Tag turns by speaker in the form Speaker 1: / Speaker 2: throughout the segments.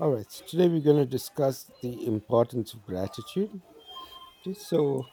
Speaker 1: All right, so today we're going to discuss the importance of gratitude. Okay. So,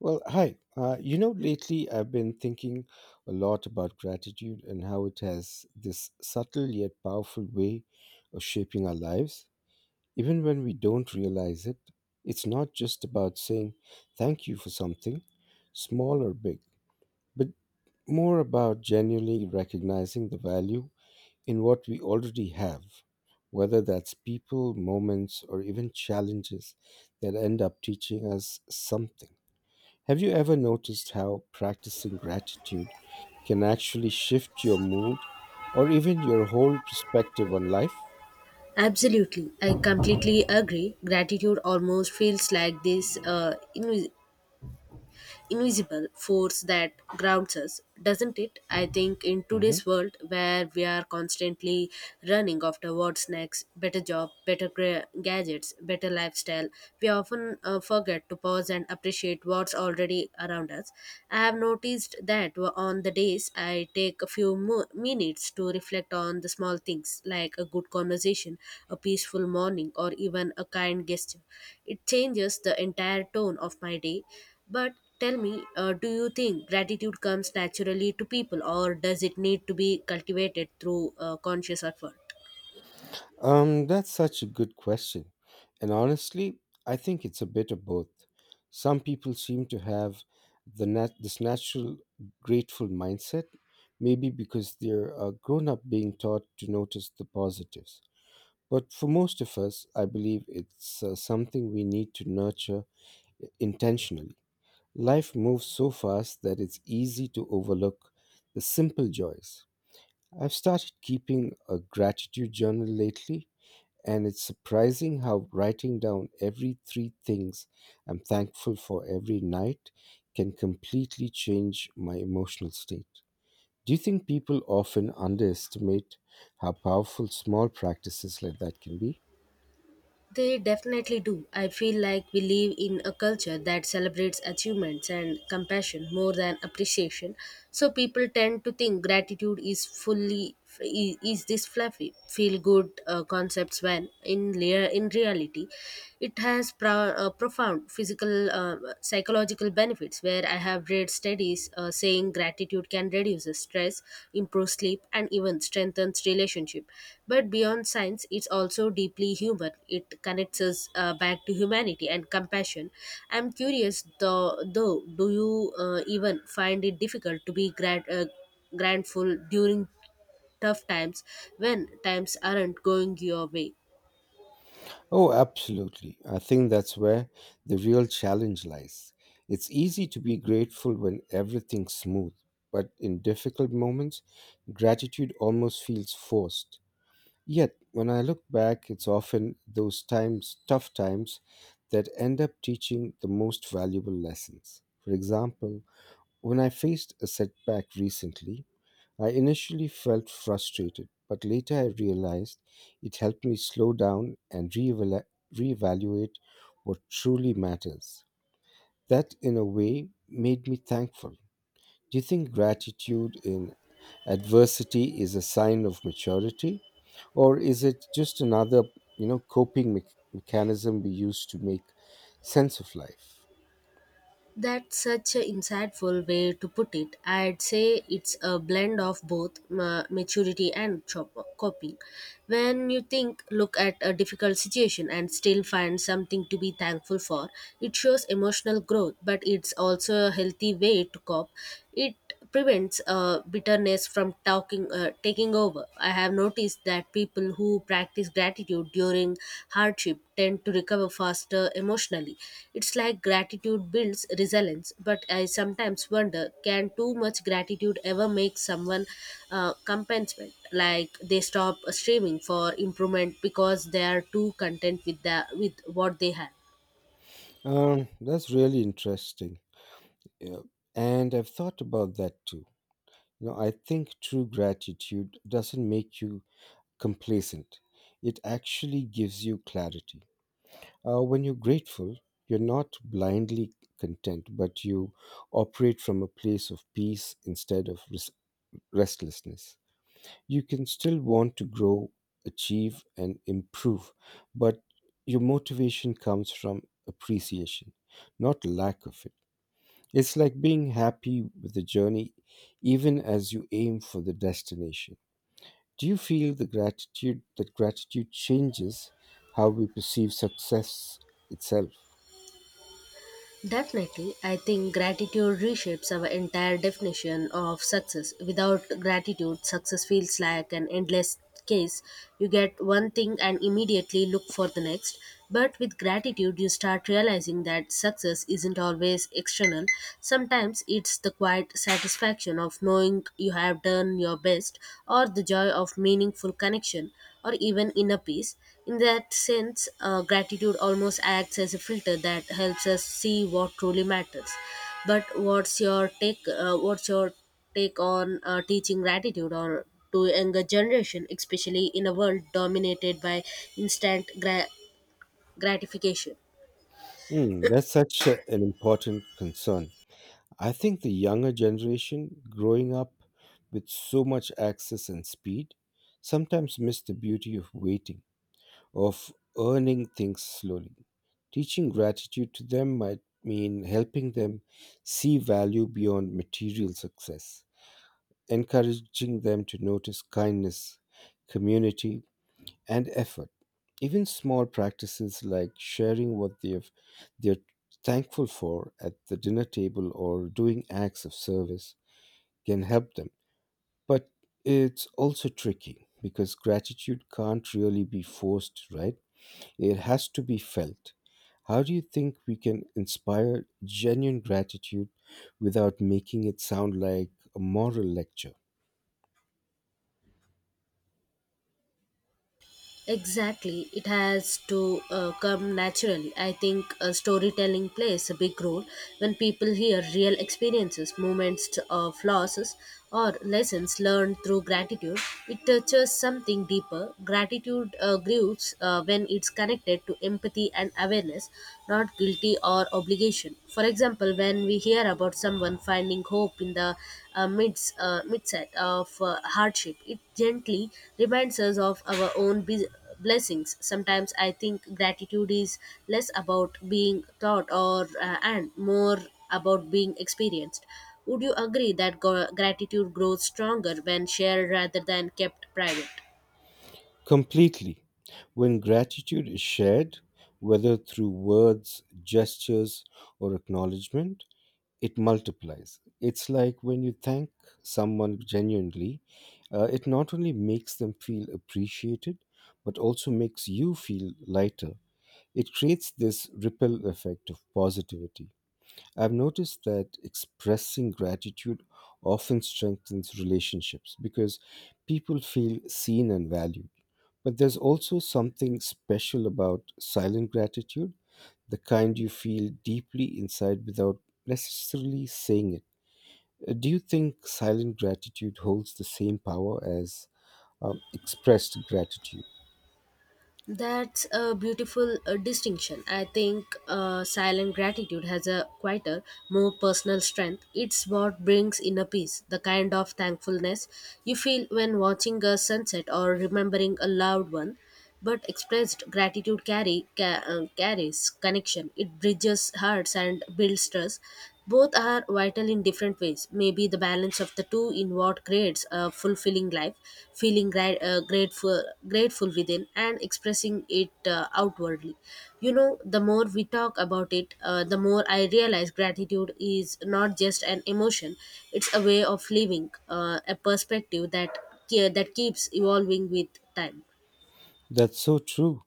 Speaker 1: well, hi. Lately I've been thinking a lot about gratitude and how it has this subtle yet powerful way of shaping our lives. Even when we don't realize it, it's not just about saying thank you for something, small or big, but more about genuinely recognizing the value in what we already have, whether that's people, moments, or even challenges that end up teaching us something. Have you ever noticed how practicing gratitude can actually shift your mood or even your whole perspective on life?
Speaker 2: Absolutely, I completely agree. Gratitude almost feels like this invisible force that grounds us, doesn't it? I think in
Speaker 1: Mhm.
Speaker 2: today's world where we are constantly running after what's next, better job, gadgets, better lifestyle, we often forget to pause and appreciate what's already around us. I have noticed that on the days I take a few minutes to reflect on the small things like a good conversation, a peaceful morning, or even a kind gesture. It changes the entire tone of my day. But tell me, do you think gratitude comes naturally to people or does it need to be cultivated through conscious effort?
Speaker 1: That's such a good question. And honestly, I think it's a bit of both. Some people seem to have this natural grateful mindset, maybe because they're grown up being taught to notice the positives. But for most of us, I believe it's something we need to nurture intentionally. Life moves so fast that it's easy to overlook the simple joys. I've started keeping a gratitude journal lately, and it's surprising how writing down every three things I'm thankful for every night can completely change my emotional state. Do you think people often underestimate how powerful small practices like that can be?
Speaker 2: They definitely do. I feel like we live in a culture that celebrates achievements and compassion more than appreciation. So people tend to think gratitude is is this fluffy feel good concepts when in reality it has profound physical psychological benefits where I have read studies saying gratitude can reduce stress, improve sleep, and even strengthens relationship. But beyond science, it's also deeply human. It connects us back to humanity and compassion. I'm curious, though, do you even find it difficult to be grateful during tough times when times aren't going your way?
Speaker 1: Oh, absolutely. I think that's where the real challenge lies. It's easy to be grateful when everything's smooth, but in difficult moments, gratitude almost feels forced. Yet, when I look back, it's often those times, tough times, that end up teaching the most valuable lessons. For example, when I faced a setback recently, I initially felt frustrated, but later I realized it helped me slow down and reevaluate what truly matters. That, in a way, made me thankful. Do you think gratitude in adversity is a sign of maturity, or is it just another, you know, coping mechanism we use to make sense of life?
Speaker 2: That's such an insightful way to put it. I'd say it's a blend of both maturity and coping. When you look at a difficult situation and still find something to be thankful for, it shows emotional growth, but it's also a healthy way to cope. It prevents bitterness from taking over. I have noticed that people who practice gratitude during hardship tend to recover faster emotionally. It's like gratitude builds resilience, but I sometimes wonder can too much gratitude ever make someone compensate? Like they stop striving for improvement because they are too content with what they have.
Speaker 1: That's really interesting, yeah. And I've thought about that too. You know, I think true gratitude doesn't make you complacent, it actually gives you clarity. When you're grateful, you're not blindly content, but you operate from a place of peace instead of restlessness. You can still want to grow, achieve, and improve, but your motivation comes from appreciation, not lack of it. It's like being happy with the journey even as you aim for the destination. Do you feel the gratitude that gratitude changes how we perceive success itself?
Speaker 2: Definitely, I think gratitude reshapes our entire definition of success. Without gratitude, success feels like an endless case. You get one thing and immediately look for the next. But with gratitude, you start realizing that success isn't always external. Sometimes it's the quiet satisfaction of knowing you have done your best or the joy of meaningful connection or even inner peace. In that sense, gratitude almost acts as a filter that helps us see what truly matters. But what's your take? What's your take on teaching gratitude or to younger generation, especially in a world dominated by instant gra- gratification?
Speaker 1: Hmm, that's an important concern. I think the younger generation growing up with so much access and speed sometimes miss the beauty of waiting, of earning things slowly. Teaching gratitude to them might mean helping them see value beyond material success, encouraging them to notice kindness, community, and effort. Even small practices like sharing what they're thankful for at the dinner table or doing acts of service can help them. But it's also tricky because gratitude can't really be forced, right? It has to be felt. How do you think we can inspire genuine gratitude without making it sound like a moral lecture?
Speaker 2: Exactly, it has to come naturally. I think storytelling plays a big role when people hear real experiences, moments of losses, or lessons learned through gratitude. It touches something deeper. Gratitude grows when it's connected to empathy and awareness, not guilty or obligation. For example, when we hear about someone finding hope in the midset of hardship, it gently reminds us of our own blessings. Sometimes I think gratitude is less about being taught or and more about being experienced. Would you agree that gratitude grows stronger when shared rather than kept private?
Speaker 1: Completely. When gratitude is shared, whether through words, gestures, or acknowledgement, it multiplies. It's like when you thank someone genuinely, it not only makes them feel appreciated, but also makes you feel lighter. It creates this ripple effect of positivity. I've noticed that expressing gratitude often strengthens relationships because people feel seen and valued. But there's also something special about silent gratitude, the kind you feel deeply inside without necessarily saying it. Do you think silent gratitude holds the same power as expressed gratitude?
Speaker 2: That's a beautiful distinction. I think silent gratitude has a quieter, more personal strength. It's what brings inner peace, the kind of thankfulness you feel when watching a sunset or remembering a loved one. But expressed gratitude carries connection. It bridges hearts and builds trust. Both are vital in different ways. Maybe the balance of the two in what creates a fulfilling life, feeling grateful within, and expressing it outwardly. You know, the more we talk about it, the more I realize gratitude is not just an emotion; it's a way of living, a perspective that that keeps evolving with time.
Speaker 1: That's so true.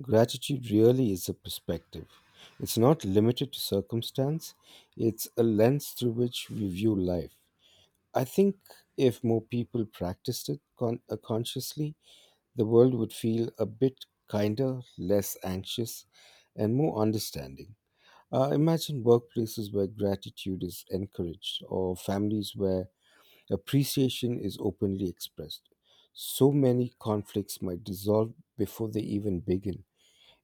Speaker 1: Gratitude really is a perspective. It's not limited to circumstance, it's a lens through which we view life. I think if more people practiced it consciously, the world would feel a bit kinder, less anxious, and more understanding. Imagine workplaces where gratitude is encouraged, or families where appreciation is openly expressed. So many conflicts might dissolve before they even begin.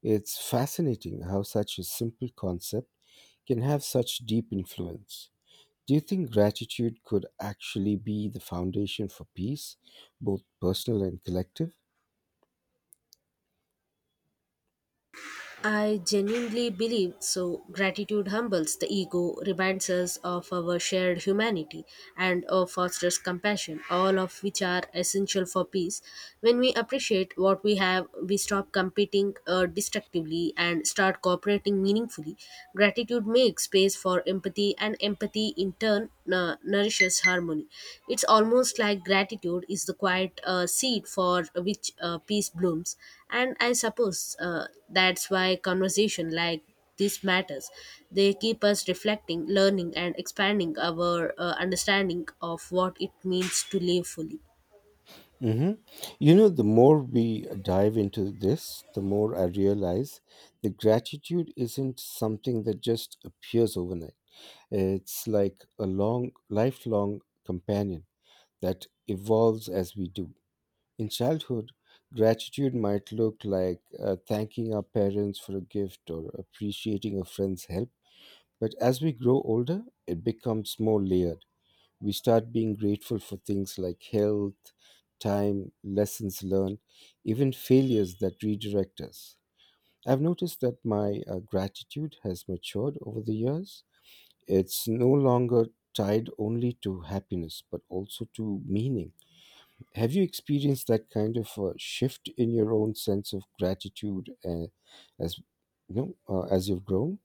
Speaker 1: It's fascinating how such a simple concept can have such deep influence. Do you think gratitude could actually be the foundation for peace, both personal and collective?
Speaker 2: I genuinely believe so. Gratitude humbles the ego, reminds us of our shared humanity, and fosters compassion, all of which are essential for peace. When we appreciate what we have, we stop competing destructively and start cooperating meaningfully. Gratitude makes space for empathy, and empathy in turn nourishes harmony. It's almost like gratitude is the quiet seed for which peace blooms. And I suppose that's why conversation like this matters. They keep us reflecting, learning, and expanding our understanding of what it means to live fully.
Speaker 1: Hmm. You know, the more we dive into this, the more I realize that gratitude isn't something that just appears overnight. It's like a long, lifelong companion that evolves as we do. In childhood, gratitude might look like thanking our parents for a gift or appreciating a friend's help. But as we grow older, it becomes more layered. We start being grateful for things like health, time, lessons learned, even failures that redirect us. I've noticed that my gratitude has matured over the years. It's no longer tied only to happiness, but also to meaning. Have you experienced that kind of shift in your own sense of gratitude, as as you've grown?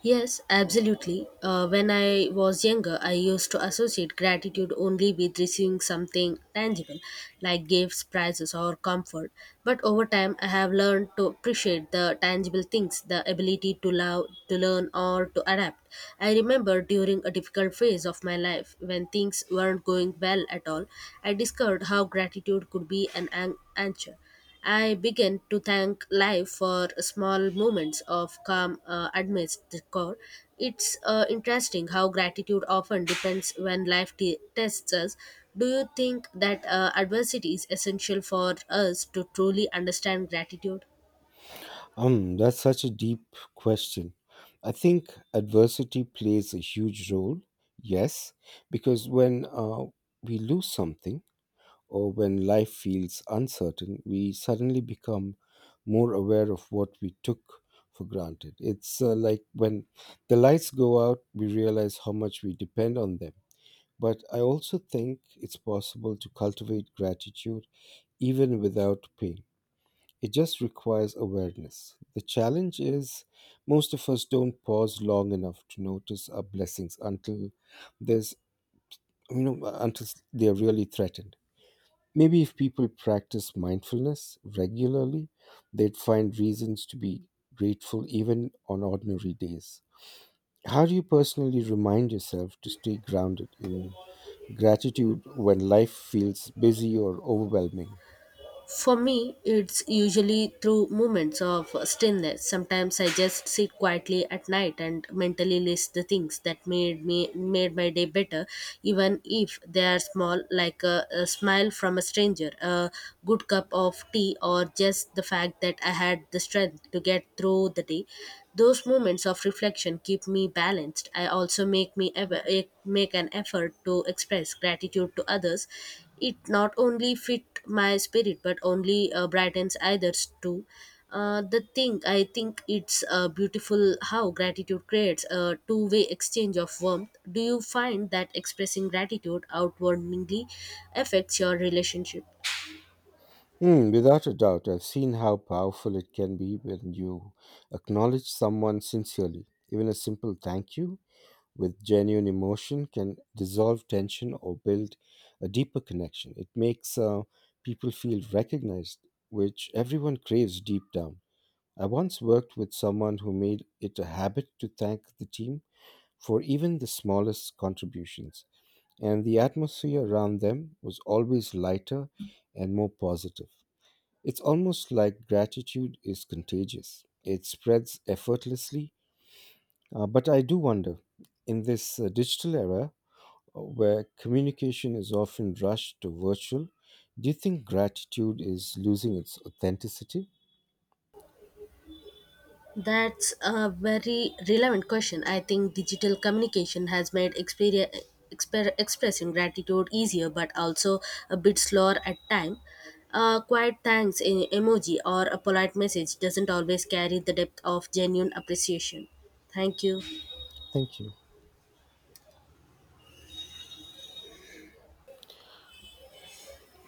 Speaker 2: Yes, absolutely. When I was younger, I used to associate gratitude only with receiving something tangible, like gifts, prizes, or comfort. But over time, I have learned to appreciate the tangible things, the ability to love, to learn, or to adapt. I remember during a difficult phase of my life, when things weren't going well at all, I discovered how gratitude could be answer. I began to thank life for small moments of calm amidst the core. It's interesting how gratitude often depends when life tests us. Do you think that adversity is essential for us to truly understand gratitude?
Speaker 1: That's such a deep question. I think adversity plays a huge role. Yes, because when we lose something, or when life feels uncertain, we suddenly become more aware of what we took for granted. It's like when the lights go out, we realize how much we depend on them. But I also think it's possible to cultivate gratitude even without pain. It just requires awareness. The challenge is most of us don't pause long enough to notice our blessings until there's you know until they're really threatened. Maybe if people practice mindfulness regularly, they'd find reasons to be grateful even on ordinary days. How do you personally remind yourself to stay grounded in gratitude when life feels busy or overwhelming?
Speaker 2: For me, it's usually through moments of stillness. Sometimes I just sit quietly at night and mentally list the things that made my day better, even if they are small, like a smile from a stranger, a good cup of tea, or just the fact that I had the strength to get through the day. Those moments of reflection keep me balanced. I also make me ever make an effort to express gratitude to others it not only fit my spirit but only brightens others too. The thing I think it's beautiful how gratitude creates a two-way exchange of warmth. Do you find that expressing gratitude outwardly affects your relationship?
Speaker 1: Hmm, without a doubt, I've seen how powerful it can be when you acknowledge someone sincerely. Even a simple thank you with genuine emotion can dissolve tension or build a deeper connection. It makes people feel recognized, which everyone craves deep down. I once worked with someone who made it a habit to thank the team for even the smallest contributions, and the atmosphere around them was always lighter and more positive. It's almost like gratitude is contagious, it spreads effortlessly. But I do wonder, in this digital era, where communication is often rushed to virtual, do you think gratitude is losing its authenticity?
Speaker 2: That's a very relevant question. I think digital communication has made expressing gratitude easier, but also a bit slower at time. A quiet thanks in emoji or a polite message doesn't always carry the depth of genuine appreciation. Thank you.
Speaker 1: Thank you.